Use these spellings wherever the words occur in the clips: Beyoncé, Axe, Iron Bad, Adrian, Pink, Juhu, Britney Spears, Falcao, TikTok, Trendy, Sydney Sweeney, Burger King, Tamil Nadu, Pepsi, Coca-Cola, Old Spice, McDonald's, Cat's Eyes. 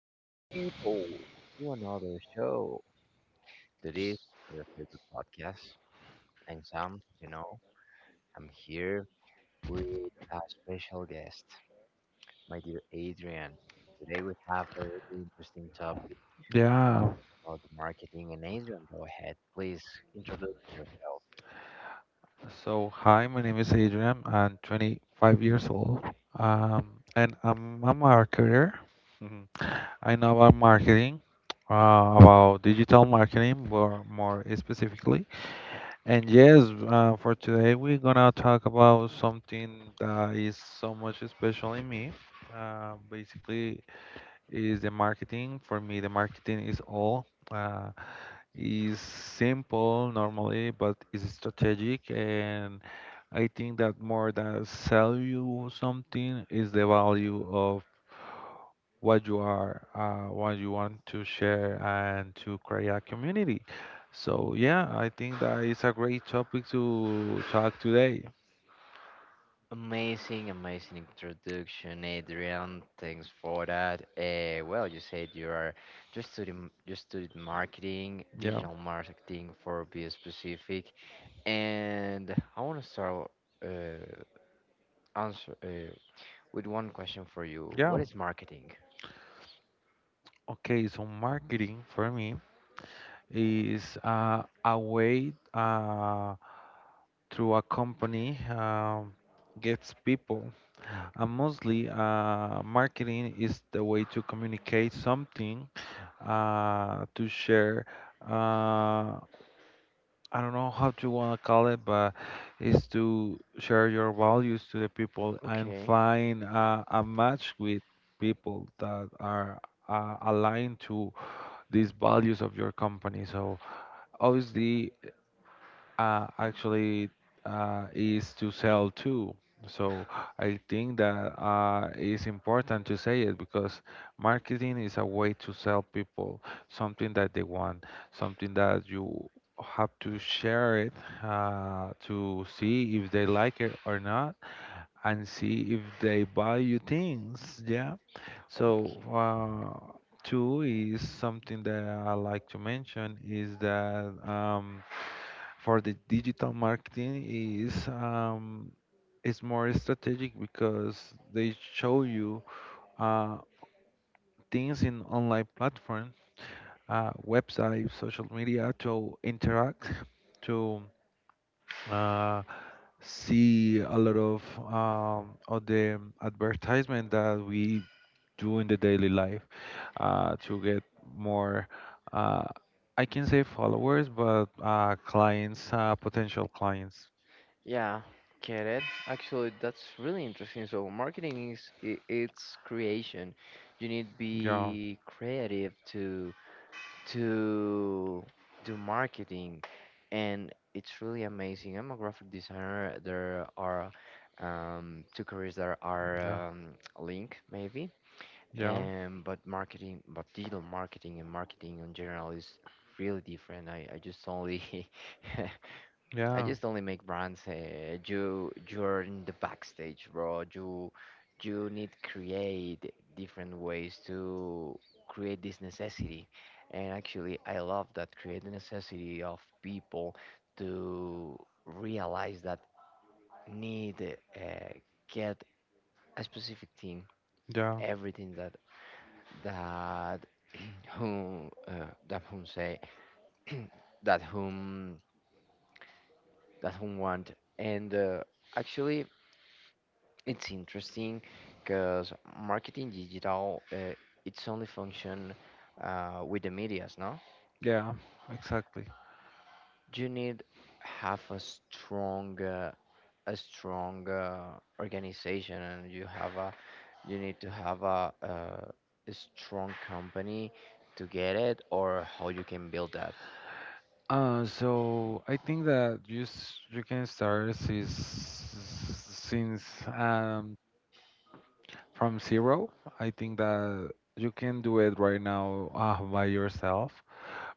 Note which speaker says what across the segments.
Speaker 1: people, to another show. Today your favorite podcast. And Sam, you know, I'm here with a special guest, my dear Adrian. Today we have a really interesting topic
Speaker 2: Yeah.
Speaker 1: about the marketing. And Adrian, go ahead, please introduce yourself.
Speaker 2: So, hi, my name is Adrian. I'm 25 years old. And I'm a marketer. Mhm. I know about marketing, about digital marketing, more specifically. And yes, for today, we're gonna talk about something that is so much special in me. Basically, is the marketing. For me, the marketing is all. Is simple normally, but is strategic, and I think that more than sell you something is the value of what you are, what you want to share and to create a community. So yeah, I think that is a great topic to talk today.
Speaker 1: Amazing, amazing introduction, Adrian. Thanks for that. Well, you said you are just studying, just studied marketing,
Speaker 2: Yeah,
Speaker 1: digital marketing for be specific. And I want to start uh, answer with one question for you.
Speaker 2: yeah.
Speaker 1: What is marketing?
Speaker 2: Okay, so marketing for me is a way through a company gets people. And mostly, marketing is the way to communicate something, to share. Uh, I don't know how to want to call it, but it's to share your values to the people and
Speaker 1: Okay.
Speaker 2: find a match with people that are aligned to these values of your company. So obviously actually is to sell too. So I think that it's important to say it because marketing is a way to sell people something that they want, something that you have to share it to see if they like it or not, and see if they buy you things. Yeah. So, two is something that I like to mention is that for the digital marketing is it's more strategic because they show you uh, things in online platforms, websites, social media to interact, to uh, see a lot of the advertisement that we do in the daily life to get more, uh, I can say followers, but clients, potential clients.
Speaker 1: Yeah, get it. Actually, that's really interesting. So marketing is it's creation. You need to
Speaker 2: Yeah,
Speaker 1: be creative to do marketing, and it's really amazing. I'm a graphic designer. There are two careers that are
Speaker 2: yeah,
Speaker 1: linked maybe,
Speaker 2: yeah,
Speaker 1: and but marketing, but digital marketing and marketing in general is really different. I just only I
Speaker 2: yeah,
Speaker 1: just only make brands. You you're in the backstage, bro. You need create different ways to create this necessity. And actually, I love that, create the necessity of people to realize that need get a specific thing.
Speaker 2: yeah,
Speaker 1: Everything that that that whom say that whom that whom want and actually. It's interesting because marketing digital, it's only function with the medias, no?
Speaker 2: yeah, exactly.
Speaker 1: You need have a strong organization, and you have a, you need to have a strong company to get it, or how you can build that.
Speaker 2: So I think that you can start since um from zero. I think that you can do it right now by yourself.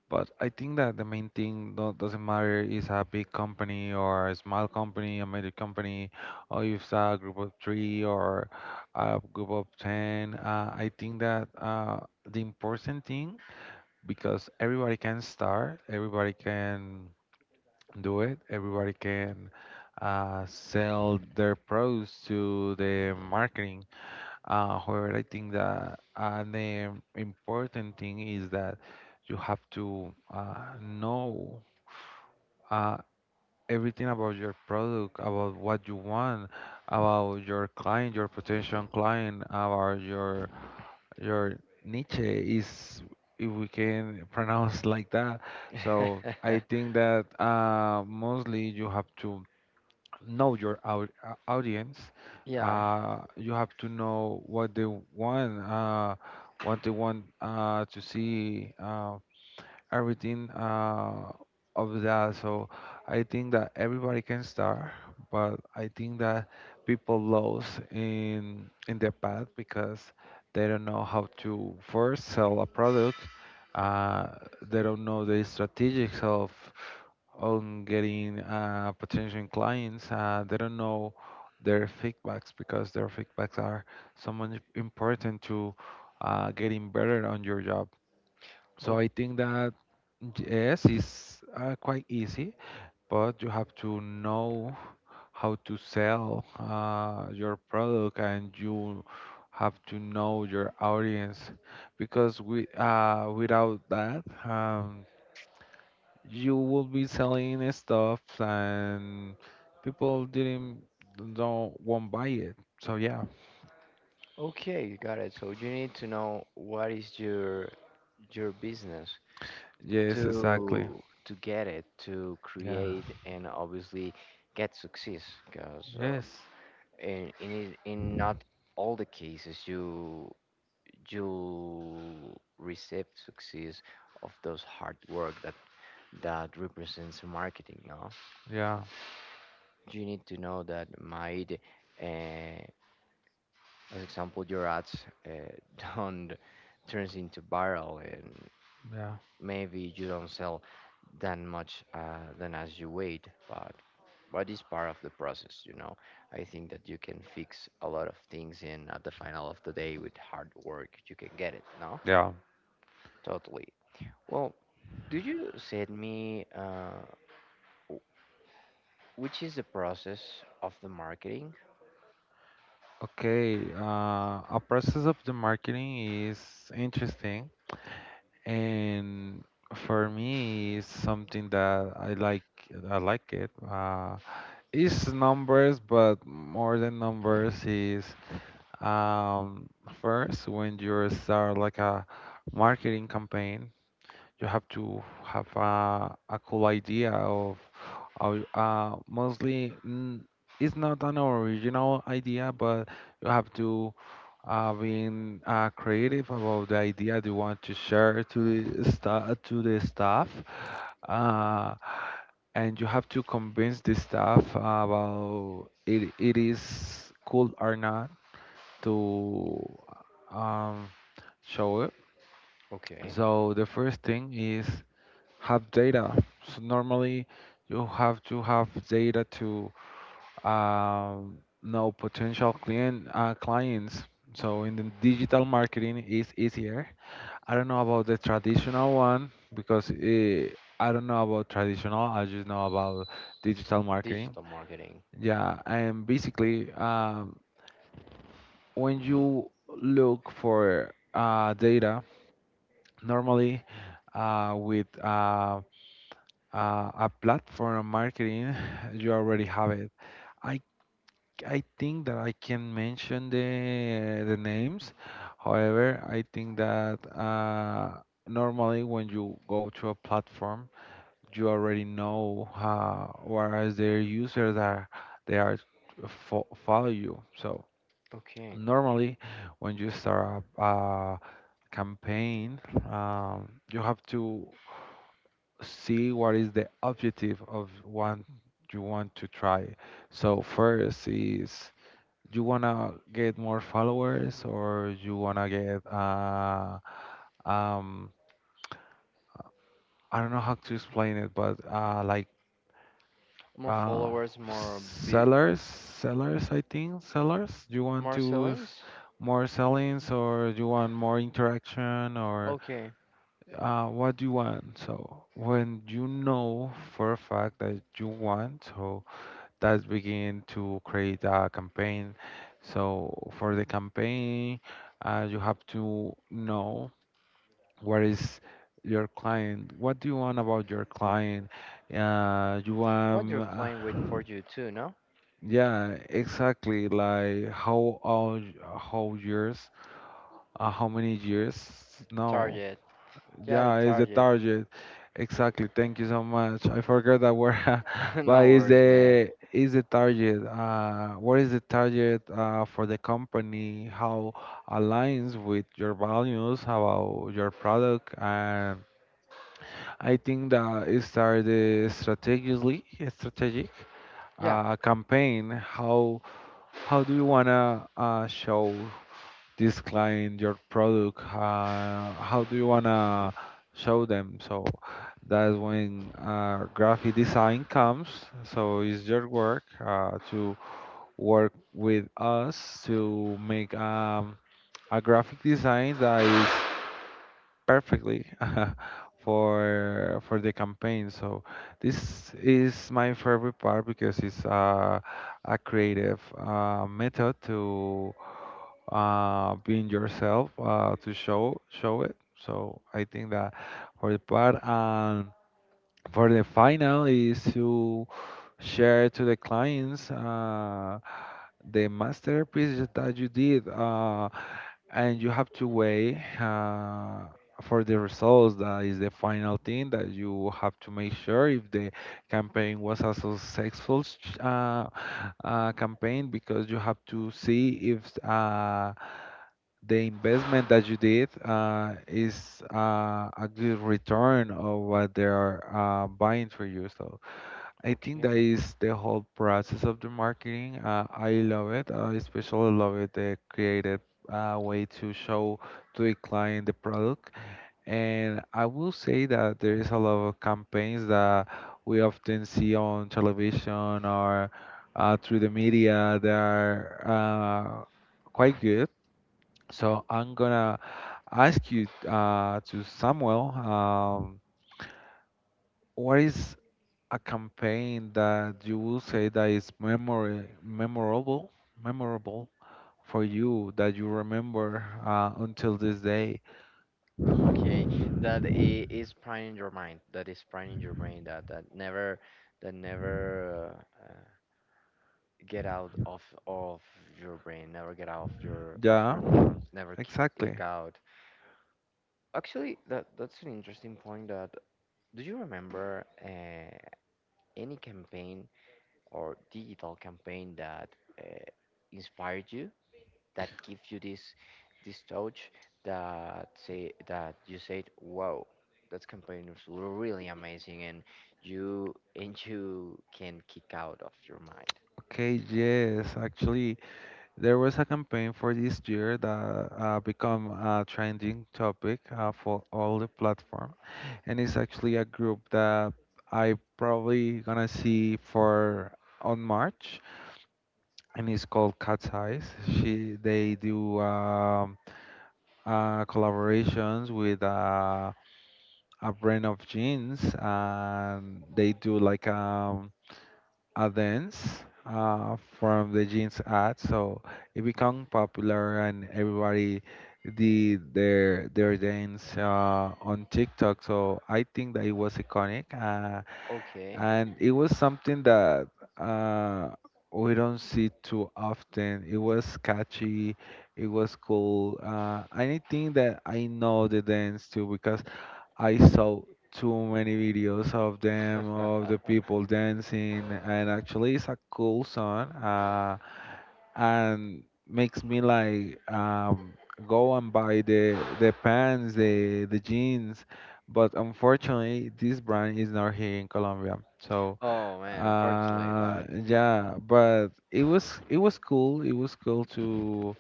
Speaker 2: But I think that the main thing do doesn't matter is a big company or a small company, a major company, or if it's a group of three or a group of 10. I think that the important thing, because everybody can start, everybody can do it, everybody can sell their products to the marketing however, I think that an important thing is that you have to know uh, everything about your product, about what you want, about your client, your potential client, about your niche is if we can pronounce like that. So I think that mostly you have to know your audience.
Speaker 1: Yeah.
Speaker 2: You have to know want, uh, what they want to see, everything of that. So I think that everybody can start, but I think that people lose in the path because they don't know how to first sell a product. Uh, they don't know the strategics of on getting potential clients. They don't know their feedbacks because their feedbacks are so much important to getting better on your job. So
Speaker 1: O-
Speaker 2: I think that yes, it's quite easy, but you have to know how to sell your product and you have to know your audience because we without that. You will be selling stuff and people didn't don't won't buy it. So yeah.
Speaker 1: Okay, got it. So you need to know what is your business,
Speaker 2: Yes, exactly.
Speaker 1: to get it to
Speaker 2: Yeah.
Speaker 1: create, and obviously get success because
Speaker 2: Yes.
Speaker 1: in in not all the cases you you receive success of those hard work that that represents marketing, no,
Speaker 2: Yeah.
Speaker 1: you need to know that might, uh, as example your ads uh, don't turns into viral. And
Speaker 2: Yeah.
Speaker 1: maybe you don't sell that much than as you wait, but it's part of the process, you know. I think that you can fix a lot of things, and at the final of the day, with hard work, you can get it. No,
Speaker 2: Yeah.
Speaker 1: totally. Well, do you send me w- which is the process of the marketing?
Speaker 2: Okay. A process of the marketing is interesting, and for me, it's something that I like. I like it. It's numbers, but more than numbers is Um, first, when you start like a marketing campaign, you have to have a cool idea of mostly it's not an original idea, but you have to being creative about the idea you want to share to the sta to the staff, uh, and you have to convince the staff about it, it is cool or not to um, show it.
Speaker 1: Okay,
Speaker 2: So the first thing is have data. So normally you have to have data to know potential clients. So in the digital marketing is easier. I don't know about the traditional one because I don't know about traditional. I just know about digital marketing.
Speaker 1: digital marketing.
Speaker 2: Yeah, and basically when you look for data normally with uh, a platform marketing you already have it. I i think that I can mention the names, however, I think that normally when you go to a platform you already know whereas their users that they are follow you. So
Speaker 1: Okay,
Speaker 2: normally when you start a campaign, you have to see what is the objective of what you want to try. So first is you wanna get more followers or you wanna get um I don't know how to explain it, but like
Speaker 1: more
Speaker 2: uh
Speaker 1: followers,
Speaker 2: sellers I think sellers. You want
Speaker 1: more
Speaker 2: to s-
Speaker 1: sellings.
Speaker 2: more sellings or you want more interaction or
Speaker 1: Okay,
Speaker 2: what do you want? So when you know for a fact that you want, so that's begin to create a campaign. So for the campaign, you have to know what is your client. What do you want about your client? You
Speaker 1: what
Speaker 2: want,
Speaker 1: your client wait for you too? No,
Speaker 2: yeah, exactly. Like how old, how years, how many years? No,
Speaker 1: target. Yeah, the
Speaker 2: yeah, it's the
Speaker 1: target.
Speaker 2: target. Exactly. Thank you so much. I forgot that word, but
Speaker 1: No
Speaker 2: it's
Speaker 1: worries, man.
Speaker 2: the is the target. What is the target for the company? How aligns with your values about your product? And I think that it started strategically, strategic
Speaker 1: Yeah.
Speaker 2: campaign. How do you wanna show this client your product how do you want to show them? So that's when graphic design comes, so it's your work to work with us to make a graphic design that is perfectly for the campaign. So this is my favorite part because it's a creative method to being yourself to show it. So I think that for the part and for the final is to share to the clients the masterpiece that you did, and you have to weigh for the results that is the final thing that you have to make sure if the campaign was campaign, because you have to see if the investment that you did is a good return of what they are buying for you. So I think that
Speaker 1: Okay.
Speaker 2: is the whole process of the marketing. I love it. I especially love it, the creative way to show to the client the product. And I will say that there is a lot of campaigns that we often see on television or through the media that are quite good. So I'm gonna ask you to Samuel, what is a campaign that you will say that is memory memorable, memorable for you that you remember until this day?
Speaker 1: Okay. That is prime in your mind. That is prime in your brain. That that never uh, get out of your brain. Never get out of
Speaker 2: Yeah,
Speaker 1: your thoughts. Never kick, kick
Speaker 2: exactly.
Speaker 1: out. Actually, that that's an interesting point. That do you remember any campaign or digital campaign that uh, inspired you? That give you this this touch, that say that you said wow, that campaign is really amazing, and you can kick out of your mind.
Speaker 2: Okay, yes, actually, there was a campaign for this year that become a trending topic for all the platform, and it's actually a group that I probably gonna see for on March, and it's called Cat's Eyes. She they do collaborations with a brand of jeans, and they do like a dance from the jeans ad, so it became popular and everybody did their dance on TikTok. So I think that it was iconic,
Speaker 1: Okay.
Speaker 2: and it was something that uh, we don't see too often. It was catchy, it was cool, and I think that I know the dance too because I saw too many videos of them, of the people dancing, and actually, it's a cool song, and makes me like go and buy the pants, the jeans. But unfortunately, this brand is not here in Colombia. So,
Speaker 1: Oh man, unfortunately, but
Speaker 2: yeah, but it was cool. It was cool to.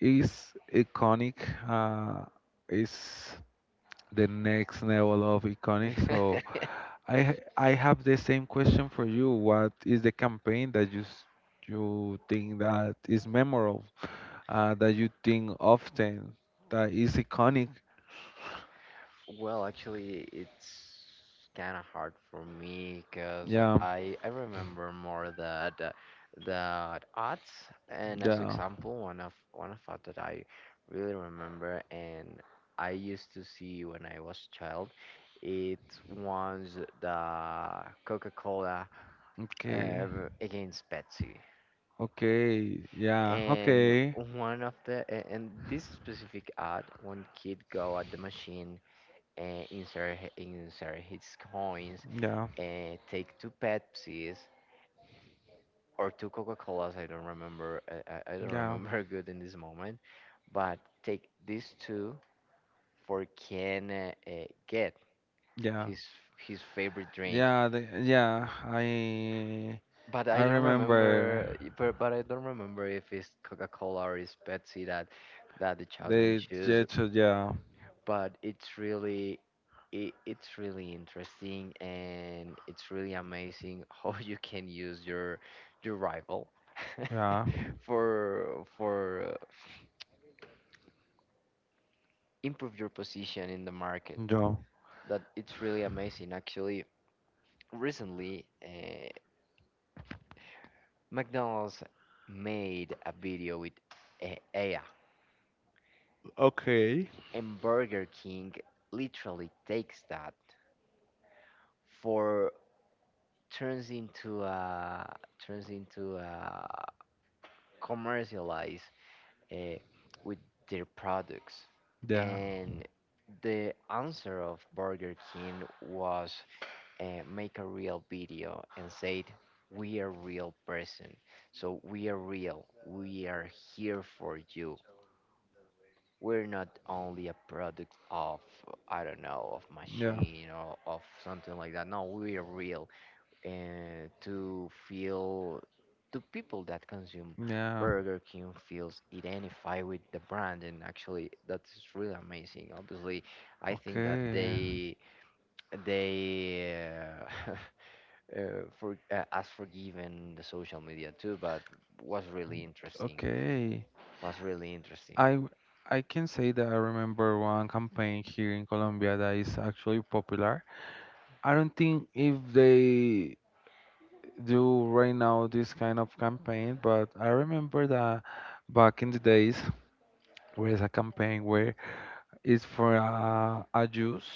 Speaker 2: It's iconic. It's the next level of iconic. So I have the same question for you. What is the campaign that you think that is memorable, that you think often that is iconic?
Speaker 1: well, actually, it's kind of hard for me because
Speaker 2: Yeah,
Speaker 1: I remember more that the odds. And as
Speaker 2: yeah.
Speaker 1: example, one of odd that I really remember and I used to see when I was child, it was the Coca-Cola
Speaker 2: Okay,
Speaker 1: uh, against Pepsi.
Speaker 2: okay, yeah,
Speaker 1: And
Speaker 2: okay,
Speaker 1: one of and this specific ad, one kid go at the machine insert his coins,
Speaker 2: yeah,
Speaker 1: and take two Pepsis or two Coca Colas. I don't remember. I don't
Speaker 2: yeah,
Speaker 1: remember good in this moment, but take these two for can get
Speaker 2: yeah,
Speaker 1: his his favorite drink.
Speaker 2: yeah, the, yeah.
Speaker 1: But
Speaker 2: I
Speaker 1: I don't
Speaker 2: remember
Speaker 1: remember. But I don't remember if it's Coca Cola or it's Pepsi that that the children
Speaker 2: the
Speaker 1: choose.
Speaker 2: gesture. Yeah,
Speaker 1: But it's really, it, it's really interesting, and it's really amazing how you can use your rival
Speaker 2: yeah,
Speaker 1: for improve your position in the market.
Speaker 2: yeah,
Speaker 1: That it's really amazing. Actually, recently McDonald's made a video with AI,
Speaker 2: Okay.
Speaker 1: and Burger King literally takes that for turns into a turns into a commercialized uh, with their products.
Speaker 2: Yeah.
Speaker 1: And the answer of Burger King was make a real video and said, We are real person. So we are real. We are here for you. We're not only a product of, I don't know, of
Speaker 2: Yeah,
Speaker 1: machine or of something like that. No, we are real to feel do people that consume
Speaker 2: yeah.
Speaker 1: Burger King feels identify with the brand, and actually that's really amazing. Obviously, I think that
Speaker 2: Okay,
Speaker 1: they uh, for as forgiven the social media too, but was really interesting.
Speaker 2: okay.
Speaker 1: Was really interesting.
Speaker 2: I w- I can say that I remember one campaign here in Colombia that is actually popular. I don't think if they do right now this kind of campaign, but I remember that back in the days there is a campaign where it's for a juice.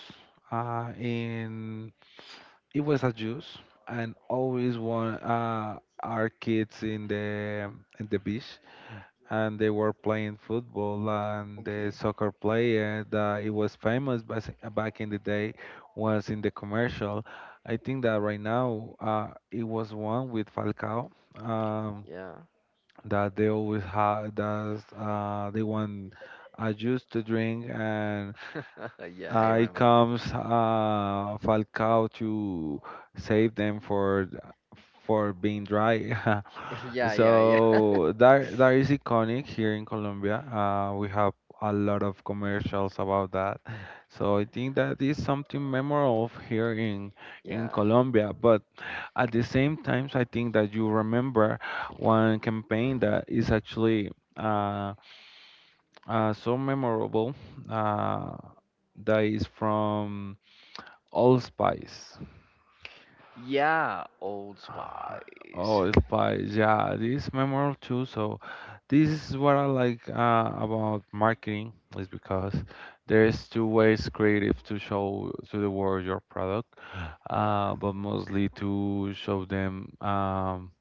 Speaker 2: In it was a juice, and always one our kids in the beach, and they were playing football, and the
Speaker 1: Okay.
Speaker 2: soccer player that it was famous back in the day was in the commercial. I think that right now it was one with Falcao, um,
Speaker 1: Yeah.
Speaker 2: that they always had that they want juice to drink, and
Speaker 1: yeah, I
Speaker 2: it
Speaker 1: remember.
Speaker 2: comes Falcao to save them for for being dry.
Speaker 1: Yeah, yeah, yeah.
Speaker 2: So that is iconic here in Colombia. We have a lot of commercials about that. So I think that is something memorable here in
Speaker 1: Yeah.
Speaker 2: Colombia. But at the same time, I think that you remember one campaign that is actually. Uh, so memorable. Uh, that is from Allspice.
Speaker 1: Yeah, Old
Speaker 2: Uh,
Speaker 1: Spice.
Speaker 2: Allspice, yeah, this is memorable too. So this is what I like about marketing is because there's two ways creative to show to the world your product,
Speaker 1: Yeah.
Speaker 2: but mostly to show them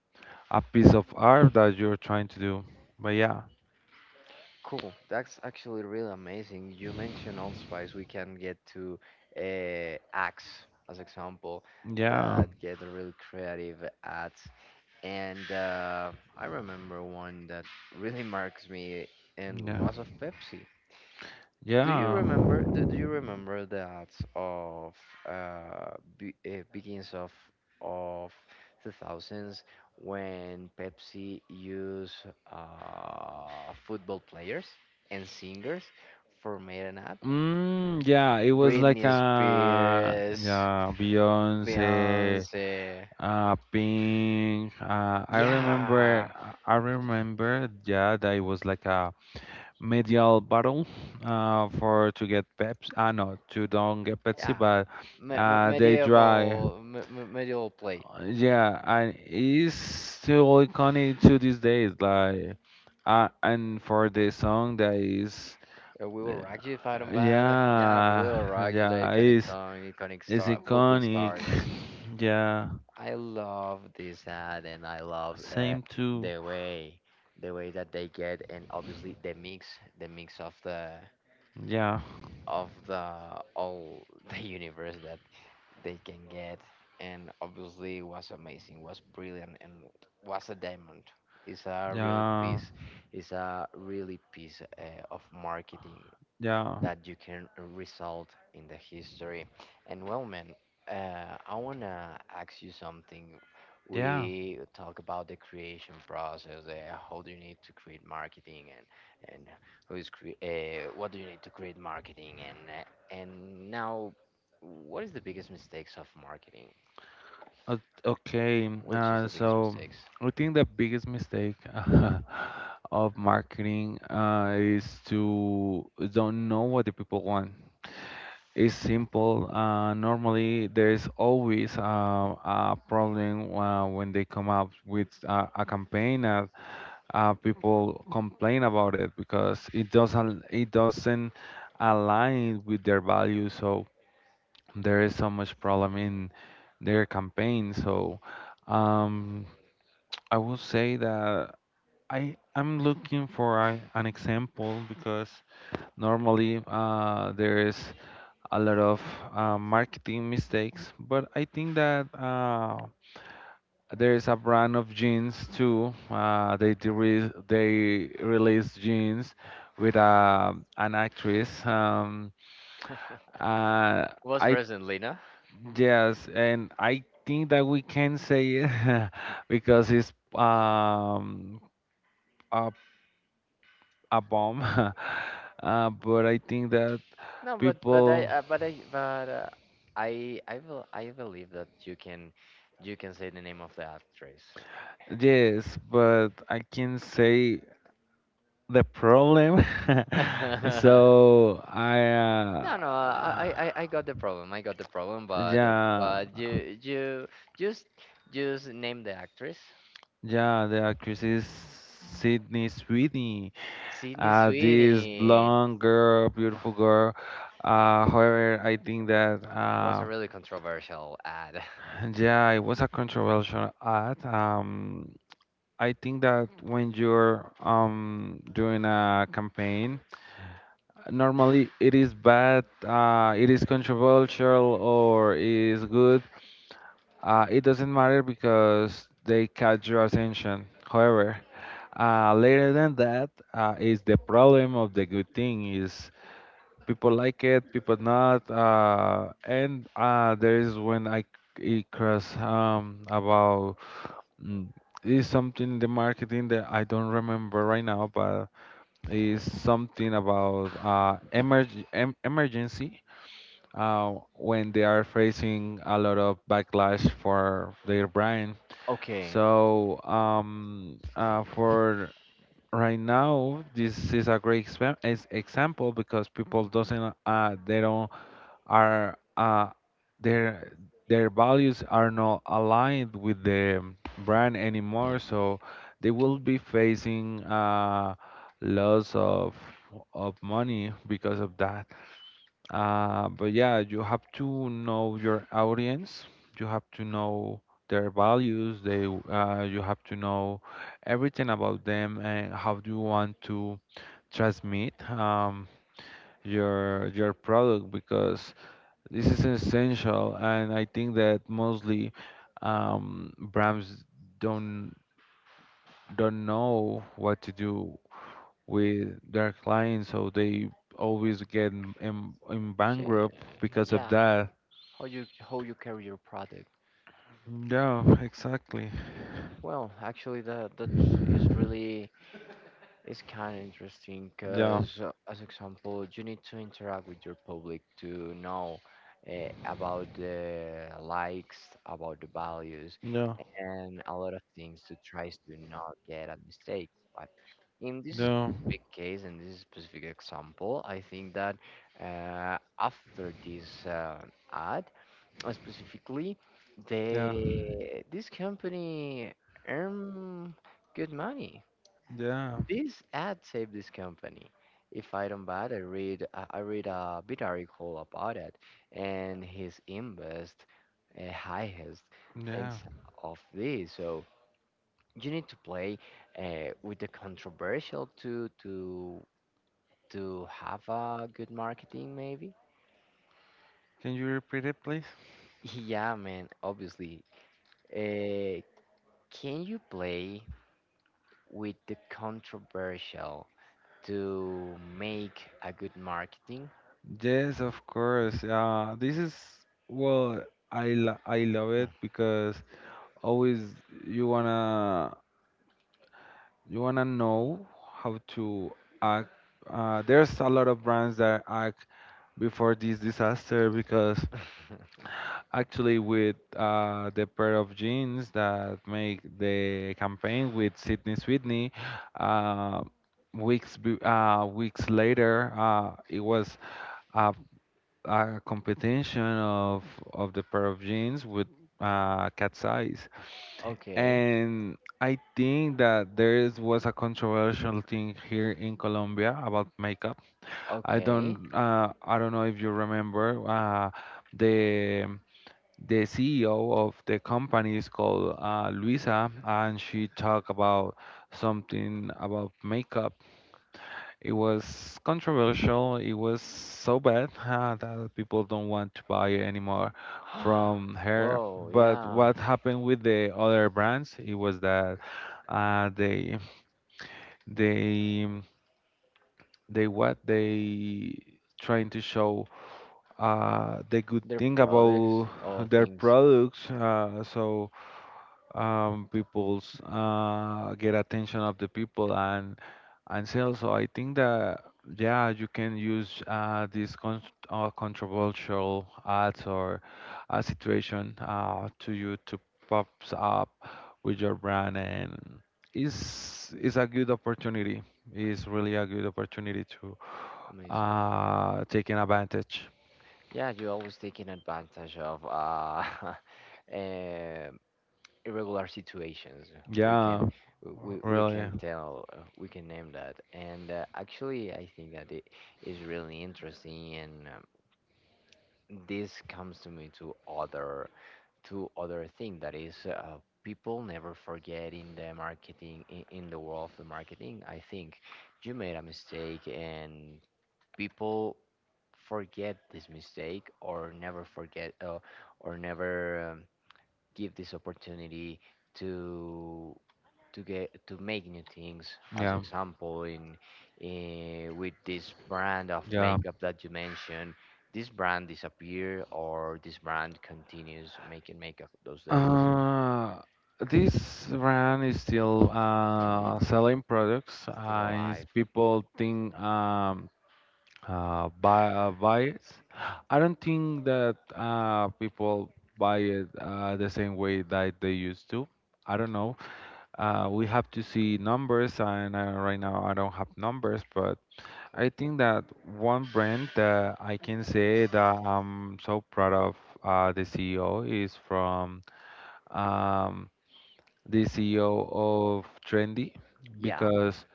Speaker 2: a piece of art that you're trying to do. But yeah,
Speaker 1: Cool. That's actually really amazing. You mentioned allspice. We can get to axe as example,
Speaker 2: yeah,
Speaker 1: that get really creative ads. And I remember one that really marks me, and
Speaker 2: yeah,
Speaker 1: was of Pepsi. Do you
Speaker 2: yeah.
Speaker 1: remember? Do you remember that of uh, begins of the thousands when Pepsi used football players and singers for made an ad?
Speaker 2: Mm, yeah, it was like
Speaker 1: Britney
Speaker 2: a
Speaker 1: Spears,
Speaker 2: yeah, Beyonce,
Speaker 1: Beyonce.
Speaker 2: Pink. Uh, I
Speaker 1: Yeah,
Speaker 2: remember, I remember, yeah, that it was like a medial battle, for to get Pepsi. Ah, no, to don't get Pepsi,
Speaker 1: yeah.
Speaker 2: but they try.
Speaker 1: Medieval play.
Speaker 2: Yeah, and it's still iconic to these days. Like, and for the song that is,
Speaker 1: We will
Speaker 2: yeah,
Speaker 1: rock you, Iron Bad. Yeah, we will
Speaker 2: yeah,
Speaker 1: rock you. The
Speaker 2: yeah,
Speaker 1: iconic
Speaker 2: it's
Speaker 1: song, iconic
Speaker 2: it's
Speaker 1: star, football
Speaker 2: iconic.
Speaker 1: starts.
Speaker 2: Yeah,
Speaker 1: I love this ad, and I love
Speaker 2: same too.
Speaker 1: the way, the way that they get, and obviously the mix
Speaker 2: Yeah,
Speaker 1: of the all the universe that they can get, and obviously was amazing, was brilliant, and was a diamond. It's a really
Speaker 2: yeah,
Speaker 1: piece, it's a really piece of marketing
Speaker 2: yeah,
Speaker 1: that you can result in the history. And well, man, I wanna ask you something.
Speaker 2: yeah.
Speaker 1: We talk about the creation process, how do you need to create marketing, and who is what do you need to create marketing, and now, what is the biggest mistakes of marketing?
Speaker 2: Uh, Okay,
Speaker 1: Which is
Speaker 2: uh,
Speaker 1: the biggest
Speaker 2: so
Speaker 1: mistakes?
Speaker 2: I think the biggest mistake of marketing is to don't know what the people want. It's simple. Normally, there is always a problem when they come up with a campaign. People complain about it because it doesn't align with their values. So there is so much problem in their campaign. So um, I will say that I'm looking for a, an example because normally there is a lot of marketing mistakes, but I think that. There is a brand of jeans too. They released jeans with an actress. Uh,
Speaker 1: Was
Speaker 2: I
Speaker 1: recently, no?
Speaker 2: Yes, and I think that we can say it because it's a, a bomb. But I think that
Speaker 1: No, but I
Speaker 2: people,
Speaker 1: but I but I will, I believe that you can say the name of the actress.
Speaker 2: yes, but I can say the problem. So I,
Speaker 1: No, no,
Speaker 2: uh,
Speaker 1: I got the problem. I got the problem,
Speaker 2: yeah,
Speaker 1: but you just just name the actress.
Speaker 2: yeah, the actress is Sydney Sweeney.
Speaker 1: Sydney
Speaker 2: This
Speaker 1: Sweeney.
Speaker 2: blonde girl, beautiful girl. Uh, however, I think that
Speaker 1: Was a
Speaker 2: uh,
Speaker 1: really controversial ad.
Speaker 2: yeah, it was a controversial ad. I think that when you're doing a campaign, normally it is bad, it is controversial or is good. It doesn't matter because they catch your attention. However, later than that is the problem of the good thing is people like it, people not. And There is when I it cross about mm, is something in the marketing that I don't remember right now, but is something about emergency. When they are facing a lot of backlash for their brand.
Speaker 1: Okay.
Speaker 2: So for right now, this is a great example because people doesn't they don't are their their values are not aligned with the brand anymore, so they will be facing loss of money because of that. But yeah, you have to know your audience. You have to know their values. They you have to know everything about them and how do you want to transmit your product because this is essential, and I think that mostly Brahms don't don't know what to do with their clients, so they always get in
Speaker 1: She,
Speaker 2: bankrupt because of
Speaker 1: yeah,
Speaker 2: that.
Speaker 1: how you carry your product?
Speaker 2: Yeah, exactly.
Speaker 1: Well, actually, that that is really, it's kind of interesting
Speaker 2: Yeah,
Speaker 1: because, as example, you need to interact with your public to know about the likes, about the values,
Speaker 2: yeah,
Speaker 1: and a lot of things to try to not get a mistake. But in this
Speaker 2: yeah,
Speaker 1: specific case, in this specific example, I think that after this ad, specifically,
Speaker 2: yeah,
Speaker 1: they this company earn good money.
Speaker 2: yeah,
Speaker 1: This ad saved this company. If I don't bad, I read a bit article about it, and his invest highest
Speaker 2: yeah.
Speaker 1: thanks of this. So you need to play with the controversial to have a good marketing, maybe.
Speaker 2: Can you repeat it, please?
Speaker 1: Yeah, man. Obviously, uh, can you play with the controversial to make a good marketing?
Speaker 2: Yes, of course. Yeah, this is well, I love it because always you wanna you wanna know how to act. There's a lot of brands that act before this disaster because actually with the pair of jeans that make the campaign with Sydney Sweeney, uh, weeks later it was a, a competition of the pair of jeans with cat's eyes.
Speaker 1: Okay.
Speaker 2: And I think that there is, was a controversial thing here in Colombia about makeup.
Speaker 1: Okay.
Speaker 2: I don't know if you remember the the CEO of the company is called Luisa, and she talked about something about makeup, it was controversial. It was so bad that people don't want to buy anymore from her.
Speaker 1: Whoa,
Speaker 2: But
Speaker 1: yeah.
Speaker 2: what happened with the other brands? It was that uh, they they they what they trying to show the good
Speaker 1: Their
Speaker 2: thing
Speaker 1: products
Speaker 2: about
Speaker 1: or
Speaker 2: their
Speaker 1: things.
Speaker 2: products. So people's Get attention of the people and sell. So I think that yeah, you can use these con controversial ads or a situation to you to pops up with your brand, and is a good opportunity. Is really a good opportunity to
Speaker 1: Amazing.
Speaker 2: take an advantage.
Speaker 1: Yeah, you're always taking advantage of eh, irregular situations. We can
Speaker 2: Yeah,
Speaker 1: we
Speaker 2: really.
Speaker 1: can tell we can name that. And actually, I think that it is really interesting, and this comes to me to other thing that is, people never forget in the marketing, in the world of the marketing. I think you made a mistake and people forget this mistake or never forget, or never, give this opportunity to to get to make new things. As
Speaker 2: Yeah,
Speaker 1: example, in with this brand of
Speaker 2: yeah.
Speaker 1: makeup that you mentioned, this brand disappear or this brand continues making makeup those days,
Speaker 2: Uh, this brand is still selling products.
Speaker 1: still
Speaker 2: And it's
Speaker 1: alive.
Speaker 2: people think buy it. I don't think that people buy it the same way that they used to. I don't know. We have to see numbers, and right now I don't have numbers, but I
Speaker 1: Cool.
Speaker 2: think that one brand that I can say that I'm so proud of the CEO is from. Um, the CEO of Trendy
Speaker 1: Yeah,
Speaker 2: because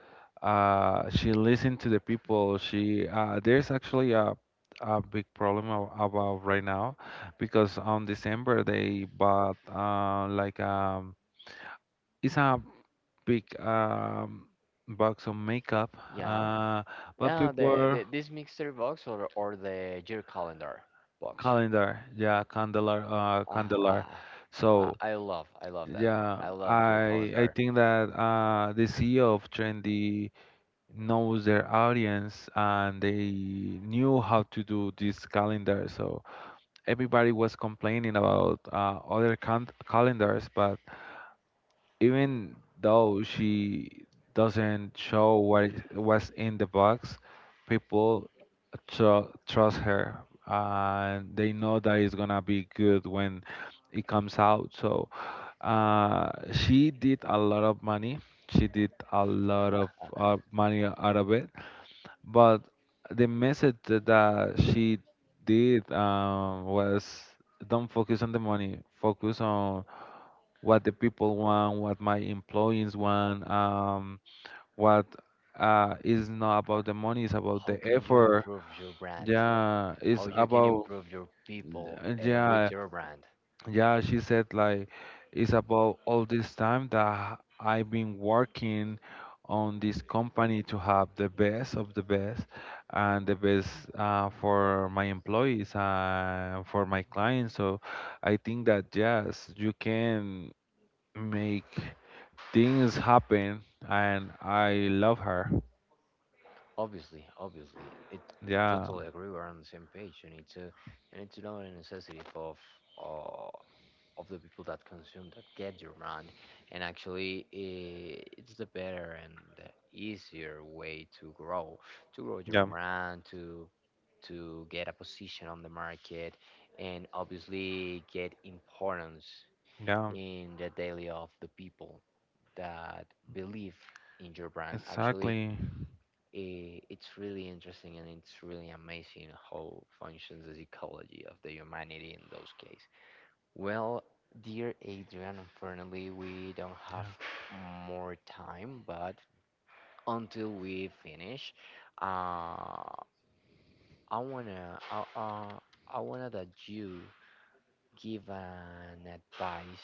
Speaker 2: she listened to the people. She There's actually a big problem about right now because on December they bought like it's a big box of makeup
Speaker 1: yeah,
Speaker 2: uh but
Speaker 1: yeah.
Speaker 2: people
Speaker 1: The this mixer box or the year calendar box.
Speaker 2: calendar yeah
Speaker 1: Ah,
Speaker 2: candelar.
Speaker 1: ah, ah,
Speaker 2: So
Speaker 1: I love that.
Speaker 2: yeah,
Speaker 1: I love your
Speaker 2: I
Speaker 1: calendar.
Speaker 2: think that the CEO of Trendy knows their audience and they knew how to do this calendar. So everybody was complaining about calendars, but even though she doesn't show what's in the box, people trust her, and they know that it's gonna be good when it comes out. So she did a lot of money. She did a lot of money out of it, but the message that she did was don't focus on the money, focus on what the people want, what my employees want, what is not about the money, it's about
Speaker 1: How
Speaker 2: the
Speaker 1: can you
Speaker 2: effort.
Speaker 1: improve your brand,
Speaker 2: Yeah,
Speaker 1: how
Speaker 2: it's
Speaker 1: you can
Speaker 2: about,
Speaker 1: improve your people
Speaker 2: yeah,
Speaker 1: with your brand.
Speaker 2: yeah, she said like it's about all this time that I've been working on this company to have the best of the best and the best for my employees and for my clients. So I think that yes, you can make things happen, and I love her.
Speaker 1: Obviously, obviously it
Speaker 2: Yeah,
Speaker 1: totally agree, we're on the same page. You need to you need to know the necessity uh, of the people that consume, that get your brand. And actually it's the better and the easier way to grow, to grow your
Speaker 2: yeah,
Speaker 1: brand, to get a position on the market, and obviously get importance
Speaker 2: yeah,
Speaker 1: in the daily of the people that believe in your brand. Actually,
Speaker 2: exactly.
Speaker 1: it's really interesting, and it's really amazing how functions the psychology of the humanity in those cases. Well, dear Adrian, unfortunately, we don't have more time, but until we finish, uh, I wanna, uh, uh, I wanna that you give an advice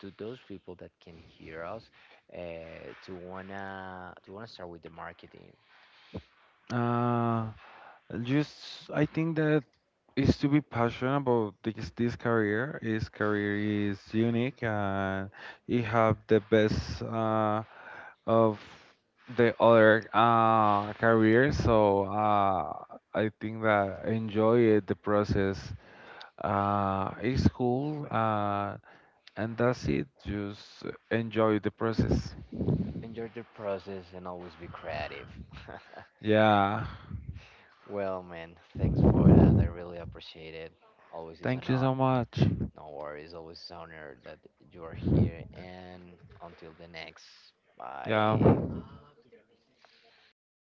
Speaker 1: to those people that can hear us uh, to wanna start with the marketing.
Speaker 2: Uh, just I think that is to be passionate about this, this career. His career is unique, and he have the best of the other careers. So I think that enjoy it, the process. It's cool and that's it. Just enjoy the process.
Speaker 1: Enjoy the process and always be creative.
Speaker 2: Yeah.
Speaker 1: Well, man, thanks for that. I really appreciate it. Always is an
Speaker 2: Thank you
Speaker 1: honor.
Speaker 2: so much.
Speaker 1: No worries. Always is an honor that you are here. And until the next, bye.
Speaker 2: Yeah. Bye.